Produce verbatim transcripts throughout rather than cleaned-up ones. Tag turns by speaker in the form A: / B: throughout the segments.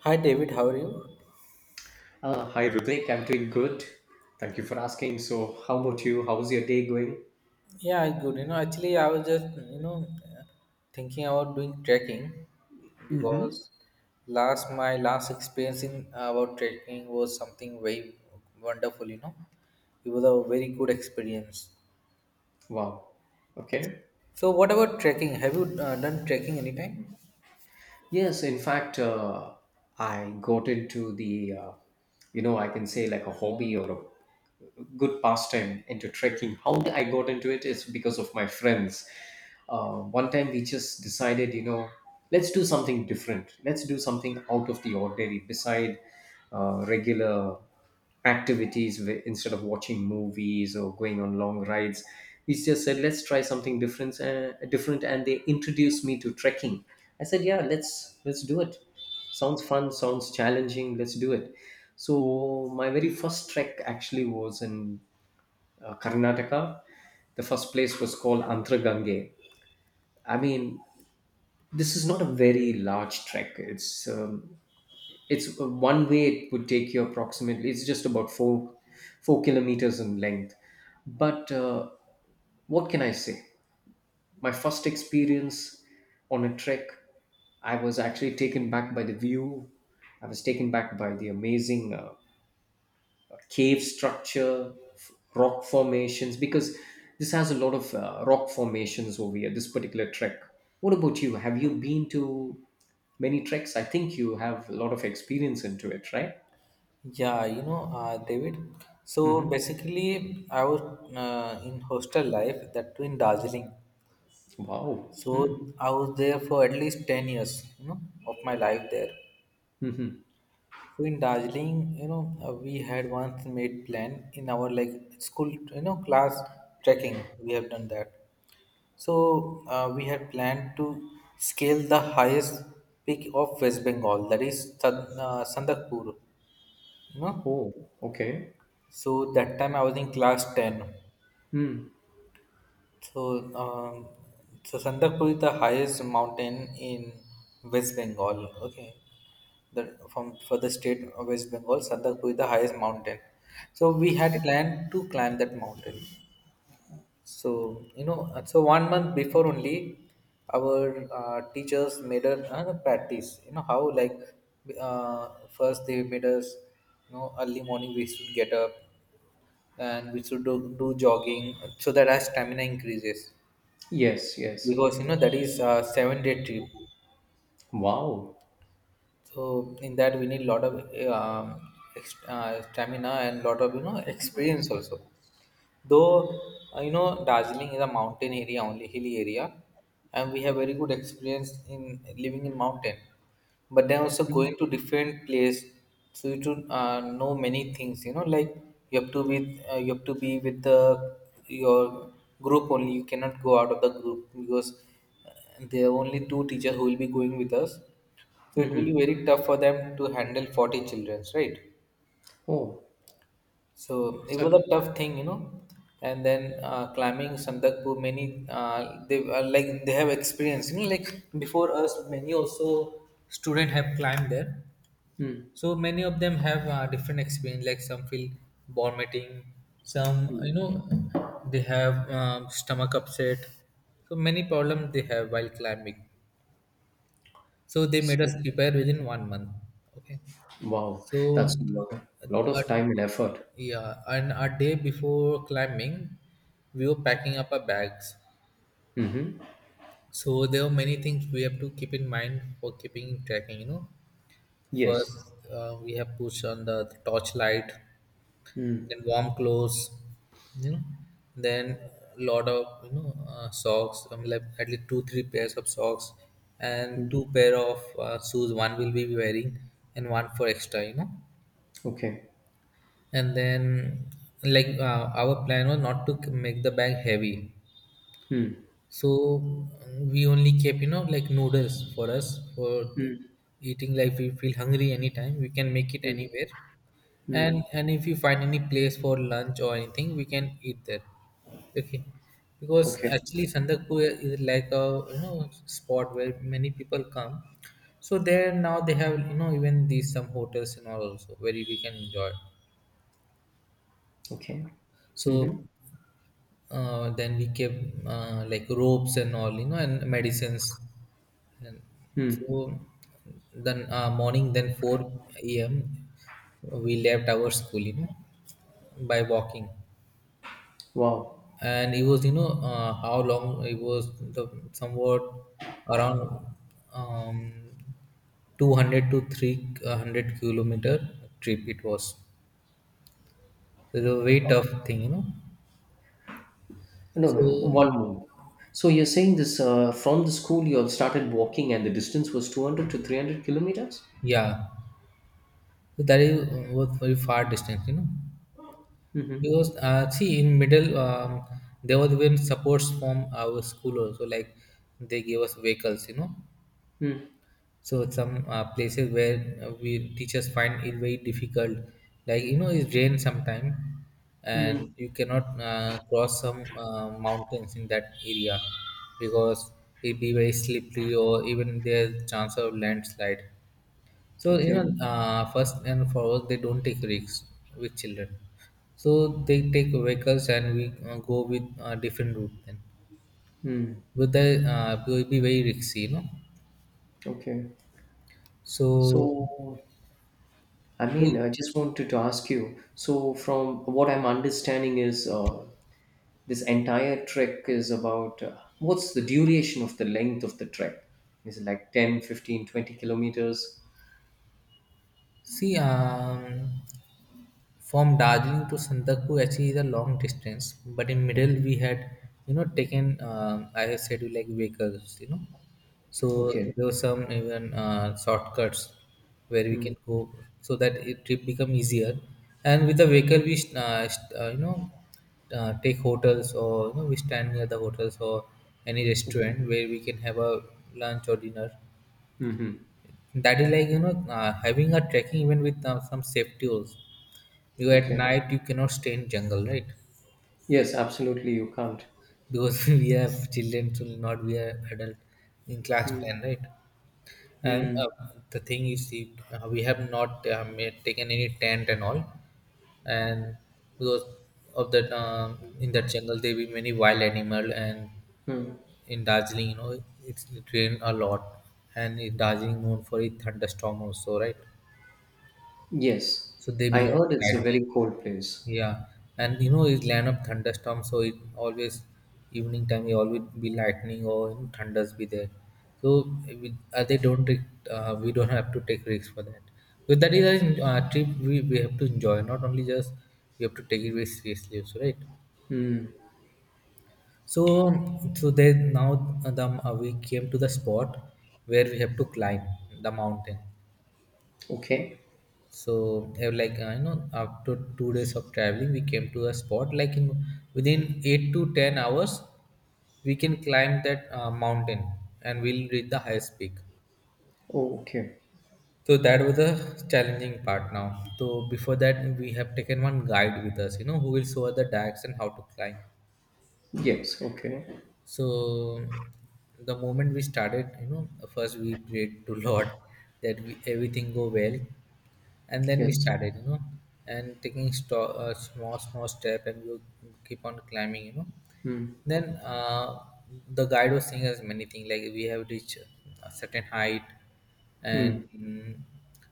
A: Hi David, how are you?
B: Uh, hi Rutik, I'm doing good. Thank you for asking. So, how about you? How's your day going?
A: Yeah, good. You know, actually, I was just, you know, thinking about doing trekking
B: Mm-hmm.
A: because last my last experience in about trekking was something very wonderful. You know, it was a very good experience.
B: Wow. Okay.
A: So, what about trekking? Have you uh, done trekking anytime?
B: Yes, in fact, uh, I got into the, uh, you know, I can say like a hobby or a good pastime into trekking. How I got into it is because of my friends. Uh, one time we just decided, you know, let's do something different. Let's do something out of the ordinary, beside uh, regular activities, wh- instead of watching movies or going on long rides. We just said, let's try something different, uh, different and they introduced me to trekking. I said, yeah, let's let's do it. Sounds fun, sounds challenging, let's do it. So my very first trek actually was in uh, Karnataka. The first place was called Antragange. I mean, this is not a very large trek. It's um, it's uh, one way it would take you approximately. It's just about four four kilometers in length. But uh, what can I say? My first experience on a trek, I was actually taken back by the view. I was taken back by the amazing uh, cave structure, f- rock formations, because this has a lot of uh, rock formations over here, this particular trek. What about you? Have you been to many treks? I think you have a lot of experience into it, right?
A: Yeah, you know, uh, David. So
B: Hmm.
A: basically, I was uh, in hostel life that too in Darjeeling.
B: Wow. Hmm.
A: So I was there for at least ten years, you know, of my life there.
B: Mm-hmm.
A: So in Darjeeling, you know, uh, we had once made plan in our like school, you know, class trekking. We have done that. So uh, we had planned to scale the highest peak of West Bengal, that is Tan- uh, Sandakur, you know.
B: Oh, okay.
A: So that time I was in class ten.
B: Mm.
A: So, um, so Sandakpur is the highest mountain in West Bengal. Okay, the from for the state of West Bengal, Sandakpur is the highest mountain. So we had planned to climb that mountain. So you know, so one month before only, our uh, teachers made us uh, practice. You know how like uh, first they made us, you know, early morning we should get up and we should do, do jogging so that our stamina increases
B: Yes, yes.
A: because you know that is a seven day trip,
B: Wow.
A: so in that we need a lot of um, ex- uh, stamina and lot of, you know, experience also, though uh, you know Darjeeling is a mountain area only, hilly area, and we have very good experience in living in mountain, but then also going
B: Hmm.
A: to different place. So you to uh, know many things, you know, like you have to be uh, you have to be with the your group only, you cannot go out of the group because uh, there are only two teachers who will be going with us, so it will
B: Mm-hmm.
A: be very tough for them to handle forty children, right?
B: Oh,
A: So it
B: so,
A: was a tough thing, you know. And then uh, climbing Sandakpur, many uh, they are like they have experience, you know. Like before us, many also student have climbed there.
B: mm.
A: So many of them have uh, different experience, like some feel vomiting, some, you know, they have um, stomach upset. So many problems they have while climbing, so they made
B: so
A: us prepare within one month. Okay,
B: wow,
A: so
B: that's a lot,
A: uh,
B: lot
A: uh,
B: of time and effort.
A: yeah, and a day before climbing, we were packing up our bags.
B: Mm-hmm.
A: So there are many things we have to keep in mind for keeping trekking, you know. First,
B: Yes.
A: uh, we have pushed on the torchlight, then warm clothes, you know, then lot of, you know, uh, socks. I mean, like at least two, three pairs of socks, and two pair of uh, shoes. One will be wearing, and one for extra, you know.
B: Okay.
A: And then, like uh, our plan was not to make the bag heavy,
B: Mm.
A: so mm, we only kept, you know, like noodles for us for eating. Like we feel hungry anytime, we can make it
B: Mm,
A: anywhere.
B: mm.
A: And and if you find any place for lunch or anything, we can eat there. Okay, because
B: Okay.
A: actually Sandakpur is like a, you know, spot where many people come. So there now they have, you know, even these some hotels and all also where we can enjoy.
B: Okay.
A: So
B: Mm-hmm.
A: uh, then we kept uh, like ropes and all, you know, and medicines. And
B: Mm.
A: so then uh, morning then four a m we left our school, you know, by walking.
B: Wow.
A: And it was, you know, uh, how long it was, the somewhat around um, two hundred to three hundred kilometer trip it was. So it was a very tough thing, you know.
B: No, no.
A: So
B: One moment. So you're saying this, uh, from the school you all started walking and the distance was two hundred to three hundred kilometers?
A: yeah, so that is was very far distance, you know.
B: Mm-hmm.
A: Because uh, see, in middle, um, there was even supports from our school also. Like they gave us vehicles, you know.
B: Mm,
A: So some uh, places where uh, we teachers find it very difficult. Like you know, it's rain sometime,
B: mm.
A: and you cannot uh, cross some uh, mountains in that area because it be very slippery or even there's chance of landslide. So you know,
B: Okay.
A: uh, first and foremost, they don't take risks with children. So they take vehicles and we uh, go with uh, different route. Then, with the uh, will be very risky, you know.
B: Okay. So,
A: So
B: I mean,
A: we
B: I just wanted to ask you. So, from what I'm understanding is, uh, this entire trek is about, uh, what's the duration of the length of the trek? Is it like ten, fifteen, twenty kilometers?
A: See, um, from Darjeeling to Sandakpur actually is a long distance, but in middle we had, you know, taken um, as I have said, you like vehicles, you know, so
B: Okay.
A: there were some even uh, shortcuts where we
B: Hmm.
A: can go, so that it trip become easier. And with the vehicle, we sh- uh, sh- uh, you know uh, take hotels or, you know, we stand near the hotels or any restaurant where we can have a lunch or dinner.
B: Mm-hmm.
A: That is like, you know, uh, having a trekking even with uh, some safety also. Because at
B: Okay.
A: night you cannot stay in jungle, right?
B: Yes, absolutely. You can't.
A: Because we have children, to not be are adult in class
B: Mm.
A: ten, right? And
B: Mm.
A: uh, the thing is, see, uh, we have not uh, made, taken any tent and all, and because of that, um, in that jungle there will be many wild animal, and
B: Mm.
A: in Darjeeling, you know, it's it rain a lot, and in Darjeeling known for its thunderstorm also, right?
B: Yes.
A: So there will
B: I
A: be lot of
B: heard it's a
A: lightning.
B: very cold place.
A: Yeah. And you know it's land of thunderstorm, so it always evening time it always be lightning or, you know, thunders be there. So we, uh, they don't take, uh, we don't have to take risks for that. So that is a uh, trip we, we have to enjoy, not only just we have to take it very seriously also, right? So so then now uh, the, uh, we came to the spot where we have to climb the mountain.
B: Okay.
A: So they were like I know after two days of traveling, we came to a spot like in within eight to ten hours, we can climb that uh, mountain and we'll reach the highest peak.
B: Oh, okay.
A: So that was the challenging part now. So before that, we have taken one guide with us, you know, who will show us the direction how to climb.
B: Yes. Okay.
A: So the moment we started, you know, first we prayed to Lord that we, everything go well, and then we
B: Yes.
A: started, you know, and taking sto- uh, small small step, and we keep on climbing, you know.
B: Mm.
A: Then uh, the guide was saying us many things like we have reached a certain height,
B: Mm.
A: and mm,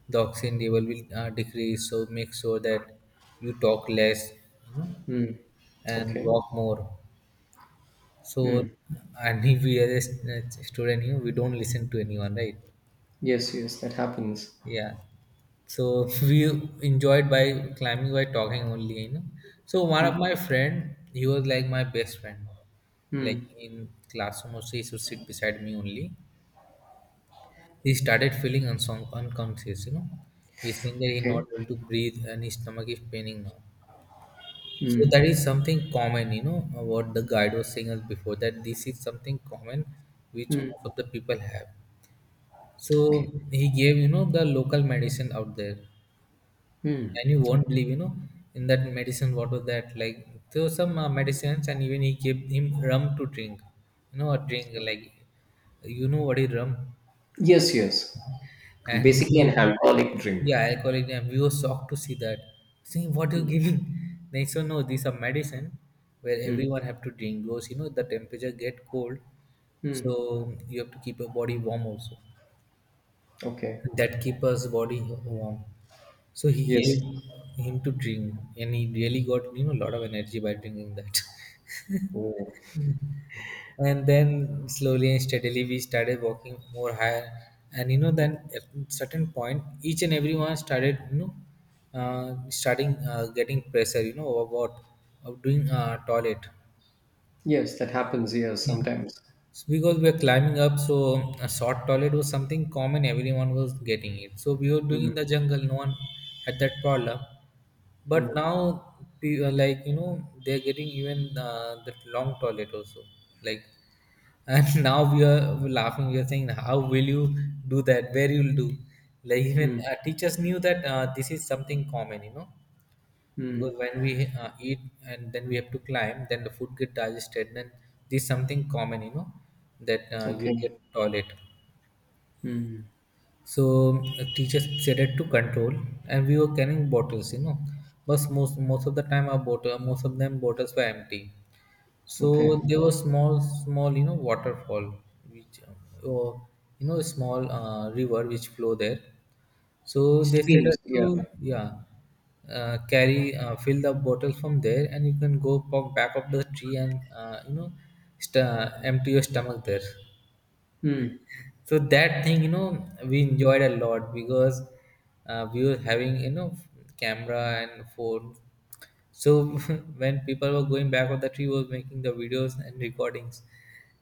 A: the oxygen level will uh, decrease. So make sure that you talk less, you know,
B: Mm.
A: and
B: Okay.
A: walk more so,
B: Mm.
A: and if we are a s- student here, we don't listen to anyone, right?
B: Yes. Yes. That happens.
A: Yeah. So we enjoyed by climbing by talking only, you know. So one of
B: Mm.
A: my friend, he was like my best friend, like
B: Mm.
A: in classroom also he should sit beside me only. He started feeling unsung, unconscious, you know. He's saying that he's
B: Okay.
A: not able to breathe and his stomach is paining now. So that
B: Mm.
A: is something common, you know, uh, what the guide was saying us before that this is something common which most of the people have. So
B: Okay.
A: he gave, you know, the local medicine out there. And you won't believe, you know, in that medicine, what was that? Like, there were some uh, medicines, and even he gave him rum to drink. You know, a drink, like, you know what is rum?
B: Yes. Yes.
A: And we
B: Basically,
A: were,
B: an alcoholic drink.
A: yeah, alcoholic name. We were shocked to see that. Saying, what are you giving? They said, no, these are medicine where
B: Mm.
A: everyone have to drink because, you know, the temperature get cold.
B: Mm.
A: So you have to keep your body warm also.
B: Okay.
A: That keep us body warm. So he
B: Yes.
A: gave him to drink and he really got, you know, a lot of energy by drinking that.
B: Oh.
A: And then slowly and steadily we started walking more higher, and you know then at certain point each and everyone started, you know, uh, starting uh, getting pressure, you know, about of doing uh, toilet.
B: Yes. That happens. Yes.
A: Yeah,
B: Sometimes.
A: so because we are climbing up, so a short toilet was something common. Everyone was getting it. So we were doing in the jungle. No one had that problem. But now, pe- uh, like you know, they're getting even uh, that long toilet also. Like, and now we are laughing. We are saying, "How will you do that? Where you'll do?" Like even
B: Mm.
A: uh, teachers knew that uh, this is something common. You know,
B: Mm.
A: because when we uh, eat and then we have to climb then the food get digested, then this is something common, you know, that uh, you'll get
B: Okay.
A: toilet. So uh, teachers decided to control, and we were carrying bottles, you know. But most most of the time, our bottle, most of them bottles were empty. So
B: Okay.
A: there was small, small, you know, waterfall, which um, or you know, small uh, river which flow there. So they said
B: Streams,
A: us
B: yeah.
A: to yeah, uh, carry uh, fill the bottle from there, and you can go pop back up the tree and uh, you know, st- empty your stomach there
B: Mm,
A: so that thing you know we enjoyed a lot because uh, we were having you know camera and phone so when people were going back of the tree was making the videos and recordings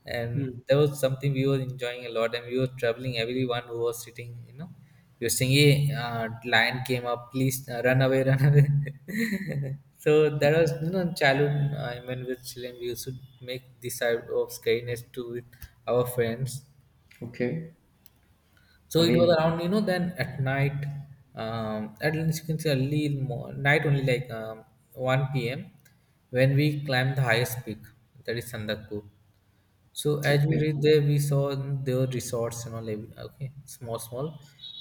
A: and
B: mm,
A: that was something we were enjoying a lot and we were traveling everyone who was sitting you know We were saying, hey, uh, lion came up, please, uh, run away, run away. So that was you know childhood, uh, I mean, with children we used to make this type of scariness to with our friends.
B: okay.
A: So
B: I
A: it was
B: mean,
A: around, you know, then at night, um, at least you can say early in mo- night only, like um, one p m, when we climbed the highest peak, that is Sandakpur. So as we
B: okay.
A: reached there, we saw their resorts and all. every- Okay, small, small.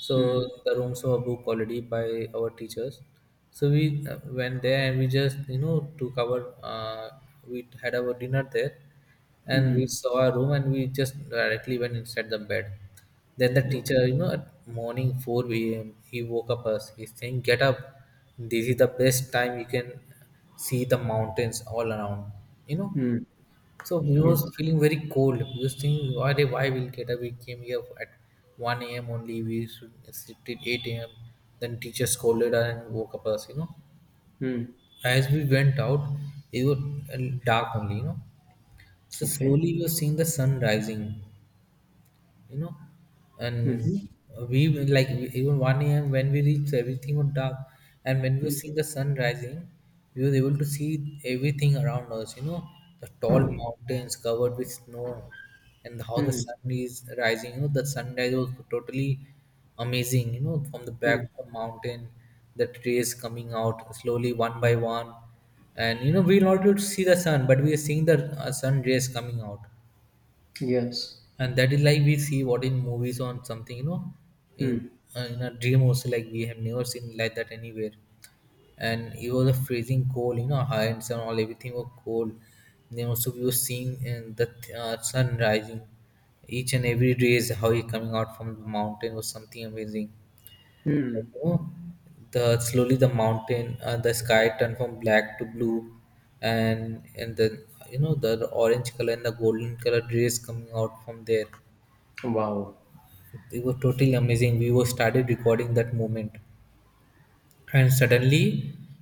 A: So
B: Mm,
A: the rooms were booked already by our teachers. So we uh, went there and we just you know took our uh, we had our dinner there, and we
B: mm,
A: saw a room and we just directly went inside the bed. Then the
B: okay.
A: teacher, you know, at morning four a m he woke up us. He's saying, "Get up! This is the best time you can see the mountains all around." You know,
B: Mm,
A: so we was
B: yes.
A: feeling very cold. We was thinking why they why we'll get up. We came here at one a m only. We should sleep till eight a m. Then teacher scolded us and woke up us. You know,
B: Mm,
A: as we went out, it was uh, dark only. You know, so
B: okay.
A: slowly we were seeing the sun rising, you know. And
B: Mhm,
A: we will, like, even one a.m when we reached everything was dark, and when we see the sun rising we were able to see everything around us, you know, the tall mountains covered with snow and how the
B: Mm,
A: sun is rising, you know, the sunrise was totally amazing, you know, from the back
B: mm,
A: of the mountain, the rays coming out slowly one by one. And you know we were not able to see the sun but we are seeing the uh, sun rays coming out,
B: yes.
A: and that is like we see what in movies on something, you know. in
B: Mm,
A: uh, in a dream also, like we have never seen like that anywhere. And it was a freezing cold, you know, hands and all everything was cold. Then also we were seeing uh, the uh, sun rising each and every day is how he coming out from the mountain was something amazing, you
B: mm.
A: know. The slowly the mountain uh, the sky turned from black to blue, and and the you know the orange color and the golden color rays coming out from there.
B: Wow.
A: It was totally amazing. We were started recording that moment, and suddenly,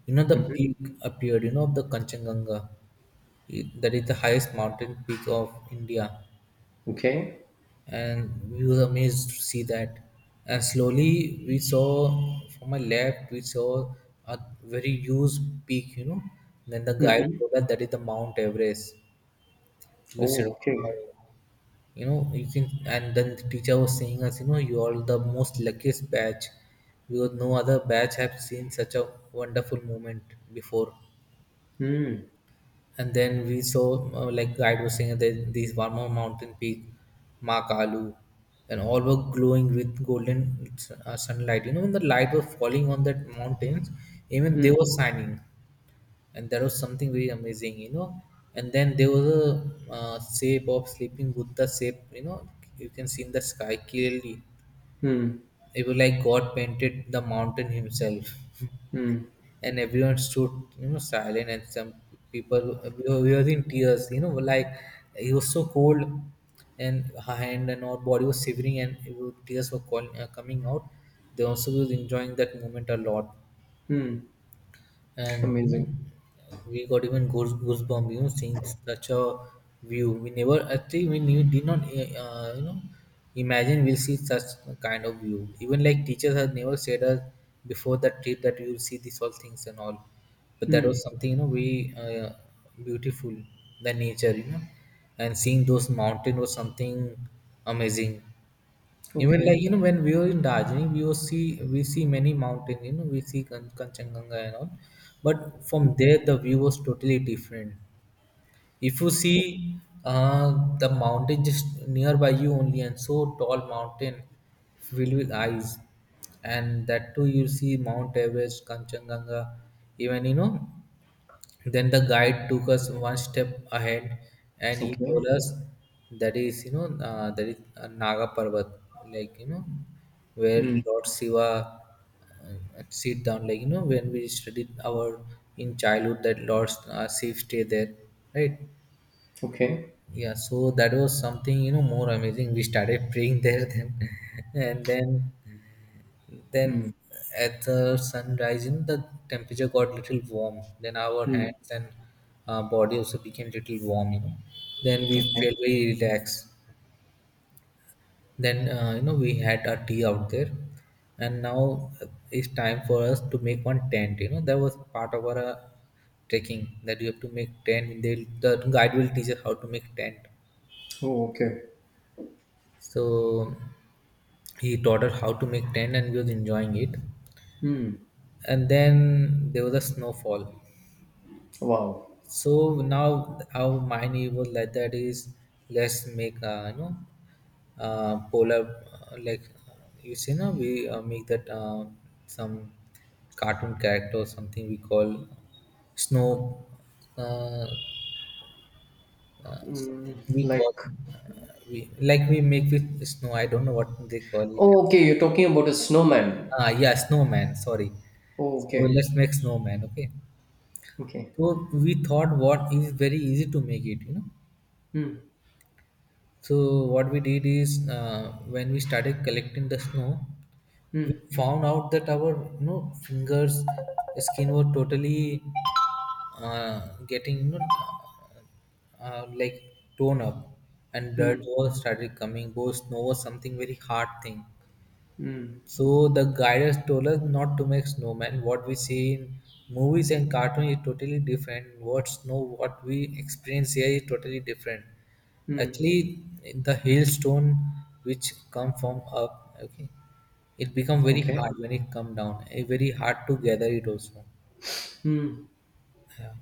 A: you know, the peak appeared. You know, of the Kanchenjunga. It- that is the highest mountain peak of India,
B: Okay.
A: and we were amazed to see that. And slowly, we saw from my left, we saw a very huge peak. You know, then the guide
B: Mm-hmm.
A: told us that is the Mount Everest. We said,
B: Oh, okay.
A: wow, you know, you can. And then the teacher was saying us, you know, you are the most luckiest batch because no other batch have seen such a wonderful moment before.
B: Mm,
A: And then we saw, uh, like guide was saying that these one more mountain peak, Makalu, and all were glowing with golden uh, sunlight, you know, when the light was falling on that mountains, even they
B: mm,
A: were shining. And that was something very amazing, you know. And then there was a uh, shape of sleeping Buddha shape, you know, you can see in the sky clearly.
B: mm,
A: It was like god painted the mountain himself.
B: mm,
A: And everyone stood, you know, silent, and some people we were, we were in tears, you know, like it was so cold and her hand and our body was shivering, and it was, tears were calling, uh, coming out. They also was enjoying that moment a lot.
B: mm.
A: And you know,
B: Amazing.
A: we got even goose goosebumps. You know, seeing such a view, we never actually we knew, did not eh, uh, you know, imagine we'll see such kind of view. Even like teachers had never said us before that trip that we will see these all things and all, but that
B: Mm,
A: was something you know we uh, beautiful the nature, you know, and seeing those mountain was something amazing. Even
B: okay.
A: like you know, when we were in Darjeeling, we will see we see many mountains. You know, we see Kan- Kanchenjunga and all, but from there the view was totally different. If you
B: Okay.
A: see uh, the mountain just nearby you only, and so tall mountain filled with eyes, and that too you see Mount Everest, Kanchenjunga, even you know then the guide took us one step ahead, and he
B: Okay.
A: told us that is you know uh, that is uh, Naga Parvat, like you know, where
B: Mm,
A: Lord Shiva uh, sit down. Like you know when we studied our in childhood that Lord uh, Shiva stay there, right?
B: okay.
A: Yeah, so that was something, you know, more amazing. We started praying there then. and then then
B: Mm,
A: at the sunrise, in the temperature got little warm. Then our
B: mm,
A: hands and uh, body also became little warm. You know. Then we
B: okay.
A: felt very relaxed. Then uh, you know we had our tea out there, and now it's time for us to make one tent. You know that was part of our uh, trekking that you have to make tent. They the guide will teach us how to make tent.
B: Oh, okay.
A: So he taught us how to make tent, and we was enjoying it. And then there was a snowfall.
B: Wow.
A: So now how mine evolved like that is let's make uh, you know uh, polar uh, like uh, you see now we uh, make that uh, some cartoon character or something we call snow uh, uh,
B: Mm,
A: something we call
B: like,
A: uh, we like we make with snow, I don't know what they call it.
B: oh, okay. You're talking about a snowman.
A: Ah, yeah, snowman, sorry.
B: Oh,
A: So
B: okay.
A: let's make snowman, okay.
B: Okay.
A: So we thought what is very easy to make it, you know.
B: Mm,
A: So what we did is uh, when we started collecting the snow, we
B: mm,
A: found out that our, you know, fingers, skin were totally uh, getting, you know, uh, like torn up, and blood
B: mm,
A: was started coming. Both snow was something very hard thing,
B: mm,
A: so the guiders told us not to make snowman. What we see in movies and cartoon is totally different. What snow, what we experience here is totally different.
B: mm.
A: Actually, the hailstone which come from up, okay, it become very
B: Okay.
A: hard when it come down. Eh, very hard to gather it also.
B: Mm.
A: Yeah.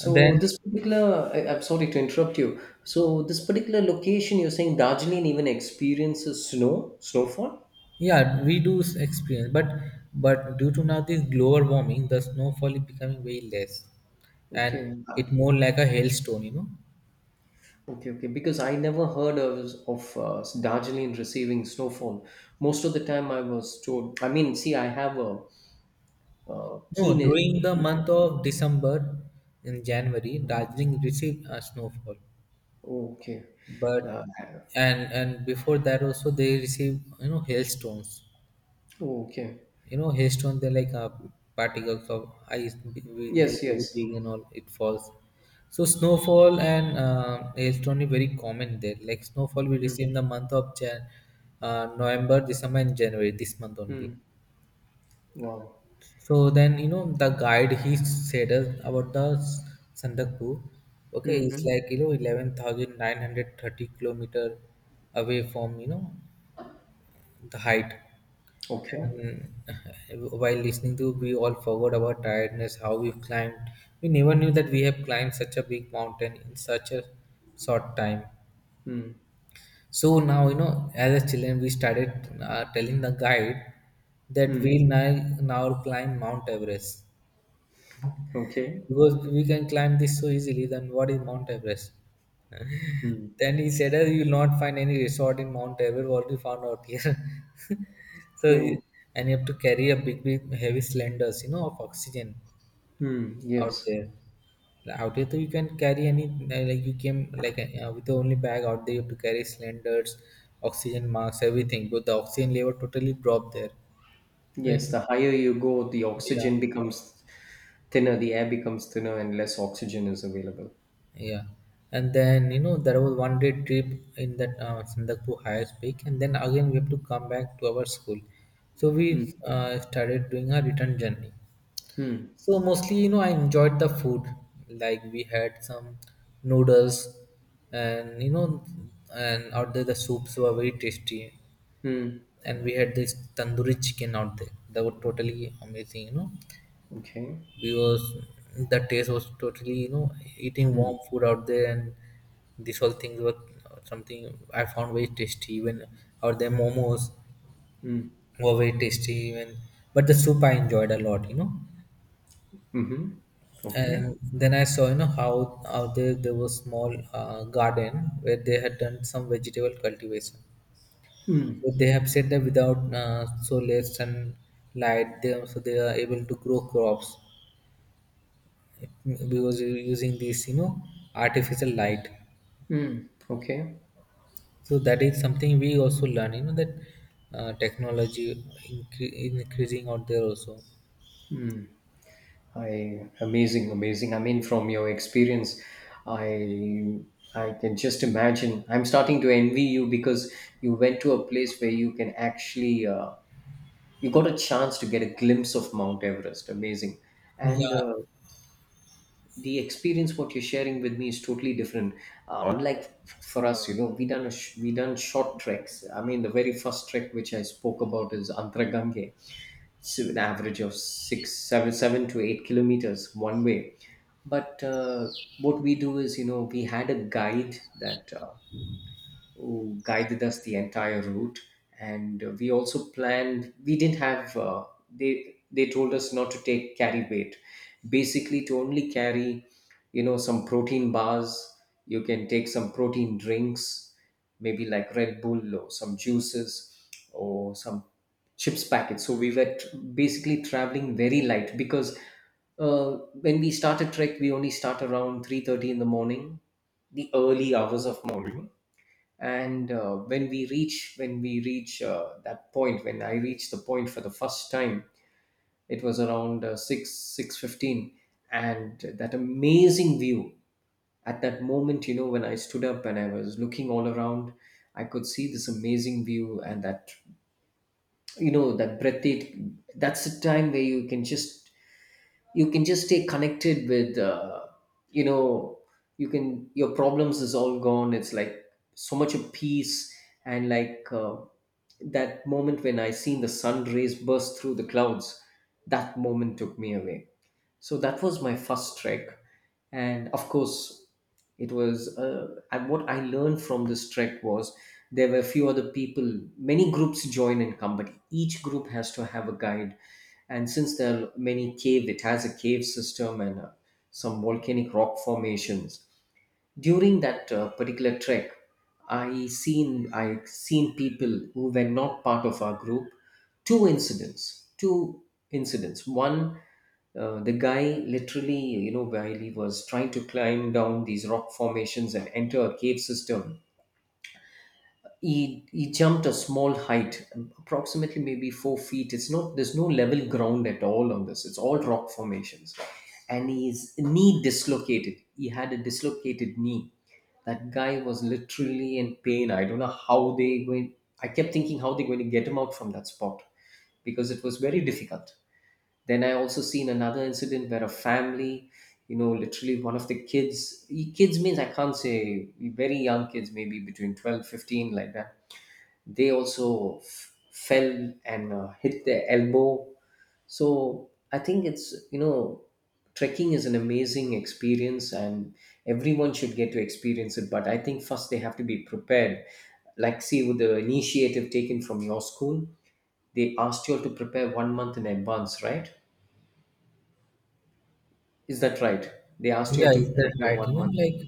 A: And then
B: this particular, I, I'm sorry to interrupt you. So this particular location, you're saying Darjeeling even experiences snow, snowfall?
A: yeah, we do s- experience, but but due to now this global warming, the snowfall is becoming way less, and
B: Okay. uh,
A: it more like a hailstone, you know.
B: Okay, okay. Because I never heard of of uh, Darjeeling receiving snowfall. Most of the time, I was told. I mean, see, I have a, uh
A: No,
B: keen. e-,
A: during the month of December and January, Darjeeling received a snowfall,
B: Oh, okay. Uh,
A: but and and before that also they received, you know, hailstones.
B: oh, okay.
A: You know, hailstones they're like uh, particles of ice b- b- b-
B: Yes,
A: very
B: yes.
A: big and all it falls. So snowfall and uh, hailstone is very common there. Like snowfall we
B: Mm,
A: receive in the month of Jan, uh, November, December and January, this month only.
B: mm. Wow.
A: So then, you know, the guide he said us about the S- Sandaku, okay, it's
B: Hmm.
A: like, you know, eleven thousand nine hundred thirty kilometer away from, you know, the height.
B: Okay.
A: And while listening to, we all forgot our tiredness, how we've climbed. We never knew that we have climbed such a big mountain in such a short time.
B: Hmm.
A: So now, you know, as a children, we started uh, telling the guide that
B: Hmm.
A: we'll now, now climb Mount Everest.
B: Okay.
A: Because we can climb this so easily, then what is Mount Everest?
B: Hmm.
A: Then he said, "Ah, you will not find any resort in Mount Everest, what we found out here. so, he-
B: True.
A: and you have to carry a big, big, heavy cylinders, you know, of oxygen
B: Hmm.
A: out
B: Yes.
A: there. Like, out here, though, you can carry any, like you came, like uh, with the only bag out there, you have to carry cylinders, oxygen masks, everything. But the oxygen level totally dropped there. Right?
B: Yes. The higher you go, the
A: Yeah.
B: oxygen becomes thinner, the air becomes thinner, and less oxygen is available.
A: Yeah, and then you know there was one day trip in that uh, Sandakpur highest peak, and then again we have to come back to our school. So
B: Hmm.
A: we uh, started doing a return journey.
B: Hmm.
A: So mostly, you know, I enjoyed the food. Like we had some noodles, and you know, and out there the soups were very tasty,
B: Mm.
A: and we had this tandoori chicken out there. That was totally amazing, you know
B: Okay.
A: because the taste was totally, you know eating
B: Hmm.
A: warm food out there. And these all things were something I found very tasty. Even out there, momos
B: Hmm.
A: were very tasty even, but the soup I enjoyed a lot, you know
B: Mm-hmm. Okay.
A: and then I saw, you know how out there there was small uh, garden where they had done some vegetable cultivation.
B: Mm.
A: So they have said that without uh, soil and light, they, so they are able to grow crops because you using this, you know artificial light.
B: Mm. Okay.
A: So that is something we also learn, you know that uh, technology incre- increasing out there also.
B: I Amazing, amazing. I mean, from your experience, I I can just imagine. I'm starting to envy you because you went to a place where you can actually, uh, you got a chance to get a glimpse of Mount Everest. Amazing. And
A: Yeah,
B: uh, the experience what you're sharing with me is totally different. Uh, unlike for us, you know, we done a sh- we done short treks. I mean, the very first trek which I spoke about is Antragange. It's an average of six, seven, seven to eight kilometers one way. But uh, what we do is, you know, we had a guide that, uh, who guided us the entire route, and uh, we also planned, we didn't have, uh, they they told us not to take, carry weight, basically to only carry, you know, some protein bars. You can take some protein drinks, maybe like Red Bull or some juices or some chips packets. So we were t- basically traveling very light, because uh, when we started trek we only start around three thirty in the morning, the early hours of morning. And uh, when we reach when we reach uh, that point when I reached the point for the first time, it was around, uh, six, six fifteen, and that amazing view at that moment. You know, when I stood up and I was looking all around, I could see this amazing view. And that, you know, that breathtaking, that's the time where you can just you can just stay connected with, uh, you know you can, your problems is all gone, it's like so much of peace. And like, uh, that moment when I seen the sun rays burst through the clouds, that moment took me away. So that was my first trek. And of course, it was uh, and what I learned from this trek was, there were few other people, many groups join in company, each group has to have a guide. And since there are many cave, it has a cave system, and uh, some volcanic rock formations. During that, uh, particular trek, i seen i seen people who were not part of our group. Two incidents, two incidents one, uh, the guy literally, you know, while he was trying to climb down these rock formations and enter a cave system, he he jumped a small height, approximately maybe four feet. It's not, there's no level ground at all on this, it's all rock formations. And his knee dislocated, he had a dislocated knee. That guy was literally in pain. I don't know how they going. I kept thinking how they're going to get him out from that spot because it was very difficult. Then I also seen another incident where a family, you know, literally one of the kids, e- kids means I can't say very young kids, maybe between twelve fifteen, like that. They also f- fell and uh, hit their elbow. So I think it's, you know, trekking is an amazing experience, and everyone should get to experience it. But I think first they have to be prepared. Like, see, with the initiative taken from your school, they asked you all to prepare one month in advance, right? Is that right? They asked you
A: yeah,
B: all to
A: is that
B: prepare
A: right? you
B: one
A: know
B: month.
A: like,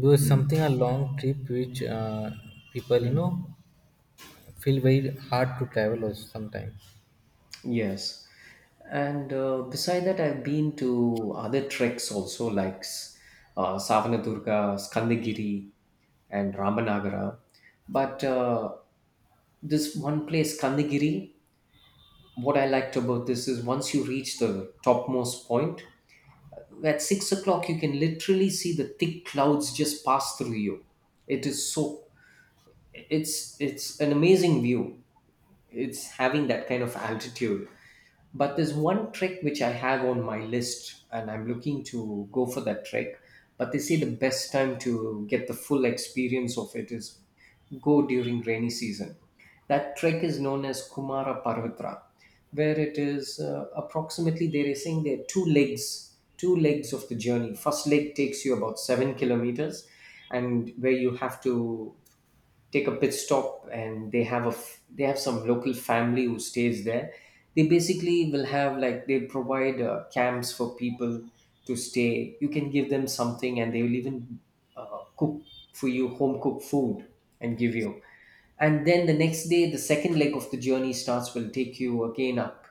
A: because
B: Hmm.
A: something a long trip which uh, people, you know
B: Hmm.
A: feel very hard to travel also sometimes.
B: Yes. And uh, beside that, I've been to other treks also, like s- uh, Savanadurga, Skandagiri, and Ramanagara. But uh, this one place, Skandagiri, what I liked about this is once you reach the topmost point, at six o'clock, you can literally see the thick clouds just pass through you. It is so, it's it's an amazing view. It's having that kind of altitude. But there's one trick which I have on my list, and I'm looking to go for that trick. But they say the best time to get the full experience of it is go during rainy season. That trek is known as Kumara Parvatra, where it is, uh, approximately, they are saying there are two legs, two legs of the journey. First leg takes you about seven kilometers, and where you have to take a pit stop, and they have a f- they have some local family who stays there. They basically will have, like, they provide uh, camps for people to stay. You can give them something and they will even uh, cook for you home cooked food and give you. And then the next day the second leg of the journey starts, will take you again up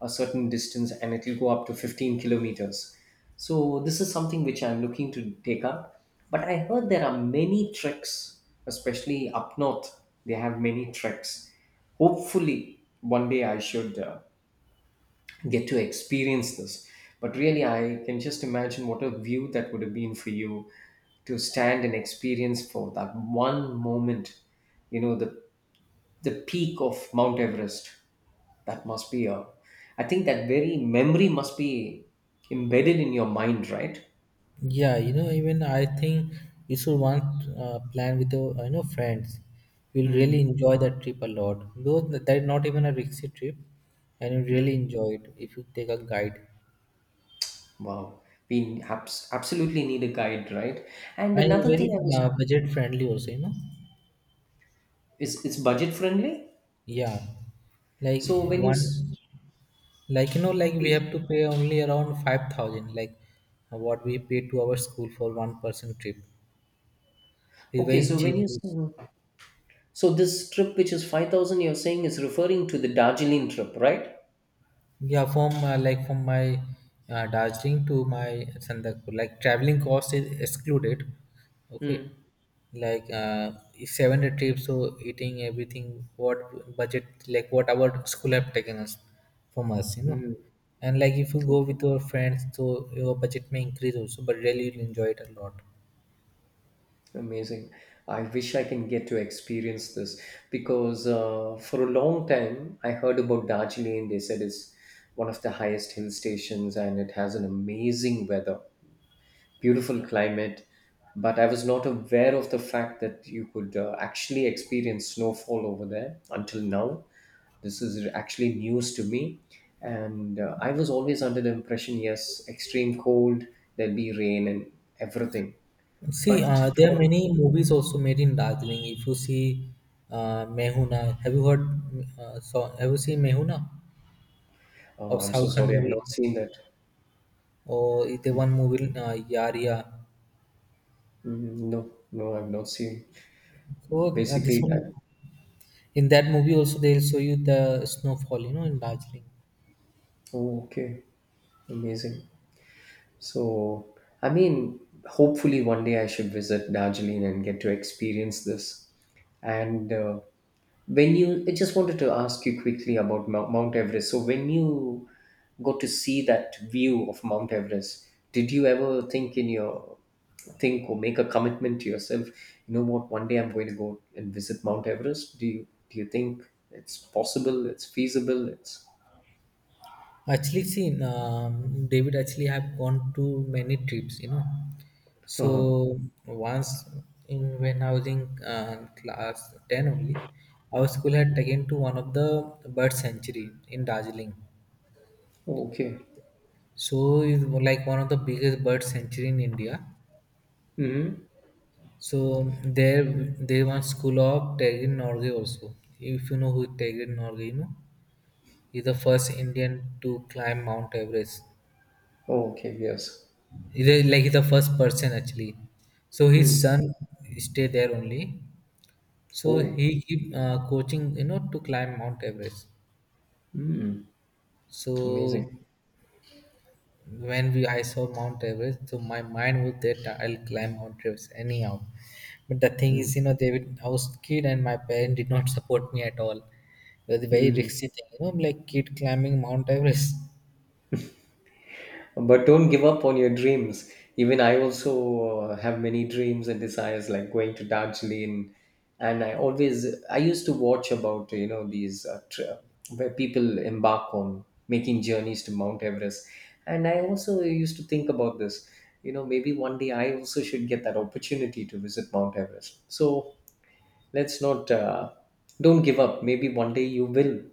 B: a certain distance, and it will go up to fifteen kilometers. So this is something which I'm looking to take up. But I heard there are many treks especially up north, they have many treks. Hopefully one day I should uh, get to experience this. But really I can just imagine what a view that would have been for you to stand and experience for that one moment, you know, the the peak of Mount Everest. That must be a, I think that very memory must be embedded in your mind, right?
A: Yeah, you know, even I think you should want uh, plan with your, you know friends. You'll
B: Hmm.
A: really enjoy that trip a lot. Though that is not even a risky trip, and you
B: Hmm.
A: really enjoy it if you take a guide.
B: Wow. We abs- absolutely need a guide, right? And
A: And it's
B: another thing I
A: very
B: was,
A: uh, budget friendly also, you know.
B: is it's budget friendly.
A: Yeah, like
B: So when you s-
A: one, like, you know, like we
B: Please.
A: have to pay only around five thousand, like what we pay to our school for one person trip. It's
B: Okay,
A: very
B: so when
A: cheap.
B: you s- so this trip which is five thousand, you're saying is referring to the Darjeeling trip, right?
A: Yeah, from uh, like from my uh, Darjeeling to my Sandakpur, like traveling cost is excluded. Okay,
B: Hmm.
A: like uh, it's seven day trip, so eating everything, what budget, like what our school have taken us from us, you know.
B: Hmm.
A: And like if you go with your friends, so your budget may increase also, but really you'll enjoy it a lot.
B: Amazing. I wish I can get to experience this because, uh, for a long time I heard about Darjeeling. They said it's one of the highest hill stations and it has an amazing weather, beautiful climate. But I was not aware of the fact that you could uh, actually experience snowfall over there until now. This is actually news to me. And uh, I was always under the impression, yes, extreme cold, there'll be rain and everything.
A: See,
B: But
A: uh, there
B: for...
A: are many movies also made in Darjeeling. If you see uh, Mehuna, have you heard? Uh, so have you seen Mehuna? Of
B: Oh, I'm so
A: South Khan
B: sorry, I've
A: movie,
B: not seen that.
A: or the one movie, uh, Yaria.
B: Mm, no, no, I've not seen.
A: So uh, this
B: Basically
A: one,
B: that.
A: in that movie also they'll show you the snowfall, you know, in Darjeeling.
B: Oh, okay. Amazing. So, I mean, hopefully one day I should visit Darjeeling and get to experience this. And uh, when you, I just wanted to ask you quickly about Mou- Mount Everest. So, when you got to see that view of Mount Everest, did you ever think in your think or make a commitment to yourself? You know what? One day I'm going to go and visit Mount Everest. Do you do you think it's possible? It's feasible? It's.
A: Actually, see, um, David actually have gone to many trips, you know.
B: Uh-huh.
A: So once, in when I was in uh, class ten only, our school had taken to one of the bird sanctuary in Darjeeling.
B: Oh, okay.
A: So it's like one of the biggest bird sanctuary in India.
B: Mm-hmm.
A: So there, there one school of Tegin Norway also. If you know who Tegin Norway, you know, he's the first Indian to climb Mount Everest.
B: Oh, okay. Yes.
A: He's a- like he's the first person actually. So his
B: Hmm.
A: son stay there only. So
B: Oh,
A: he keep uh, coaching, you know, to climb Mount Everest.
B: mm, amazing.
A: So when we I saw Mount Everest, so my mind was that I'll climb Mount Everest anyhow. But the thing is, you know, they would, I was kid and my parents did not support me at all. It was a very risky thing, you know, like kid climbing Mount Everest.
B: But don't give up on your dreams. Even I also uh, have many dreams and desires, like going to Darjeeling. And I always, I used to watch about, you know, these uh, tra- where people embark on making journeys to Mount Everest. And I also used to think about this, you know, maybe one day I also should get that opportunity to visit Mount Everest. So let's not, uh, don't give up. Maybe one day you will.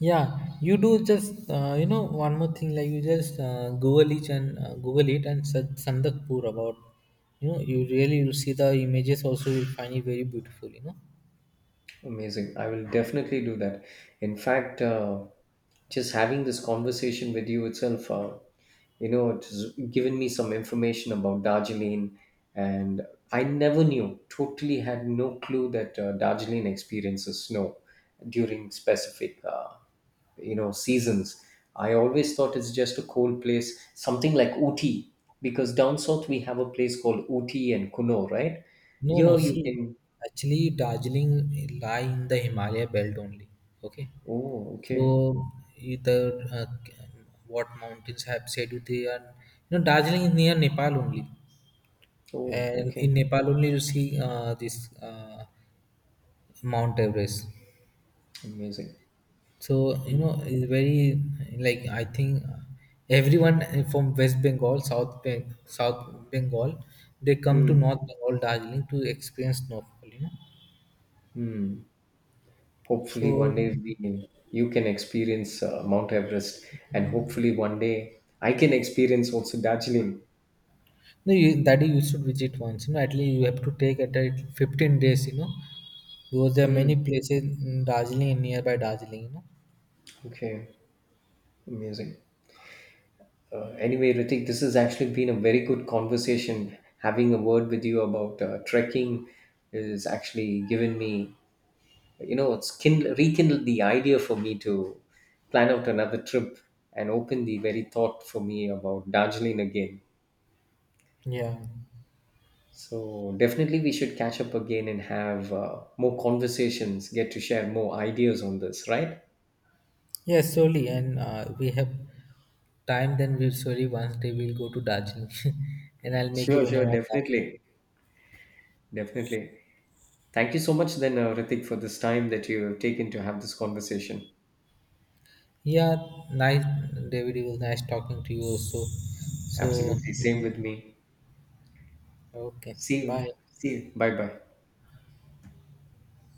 A: Yeah, you do just uh, you know, one more thing, like you just uh, Google it, and uh, Google it and search Sandakpur about. You know, you really will see the images also, you'll find it very beautiful, you know.
B: Amazing. I will definitely do that. In fact, uh, just having this conversation with you itself, uh, you know, it has given me some information about Darjeeling, and I never knew, totally had no clue that uh, Darjeeling experiences snow during specific, uh, you know, seasons. I always thought it's just a cold place, something like Ooty, because down south we have a place called Ooty and Kuno, right?
A: No, no.
B: Here you
A: See,
B: can.
A: actually, Darjeeling lie in the Himalaya belt only. Okay,
B: Oh,
A: so
B: okay.
A: you- the uh, what mountains have Sedu they are. You know, Darjeeling is near Nepal only,
B: Oh,
A: and
B: okay.
A: in Nepal only you see uh, this uh, Mount Everest.
B: Amazing.
A: So you know, it's very, like I think uh, everyone from West Bengal, South Beng- South Bengal, they come to
B: Hmm.
A: North Bengal, Darjeeling to experience snowfall. You know.
B: Hopefully, one
A: So
B: day we, you can experience uh, Mount Everest, and hopefully, one day I can experience also Darjeeling.
A: no, you, that you should visit once. You know, at least you have to take at least fifteen days. You know, because there are
B: Hmm.
A: many places in Darjeeling and nearby Darjeeling. You know.
B: Okay. Amazing. Uh, anyway, Ritik, this has actually been a very good conversation. Having a word with you about uh, trekking is actually given me, you know, it's kind rekindled the idea for me to plan out another trip and open the very thought for me about Darjeeling again.
A: Yeah.
B: So definitely we should catch up again and have uh, more conversations, get to share more ideas on this, right?
A: Yeah, surely, and uh, we have time. Then we'll surely once day we'll go to Darjeeling, and I'll make a
B: Sure,
A: room
B: sure,
A: around that.
B: definitely. Definitely. Thank you so much then, uh, Ritik, for this time that you have taken to have this conversation.
A: Yeah, nice, David. It was nice talking to you also. So
B: Absolutely. Same with me.
A: okay,
B: See you.
A: bye.
B: See you. Bye bye.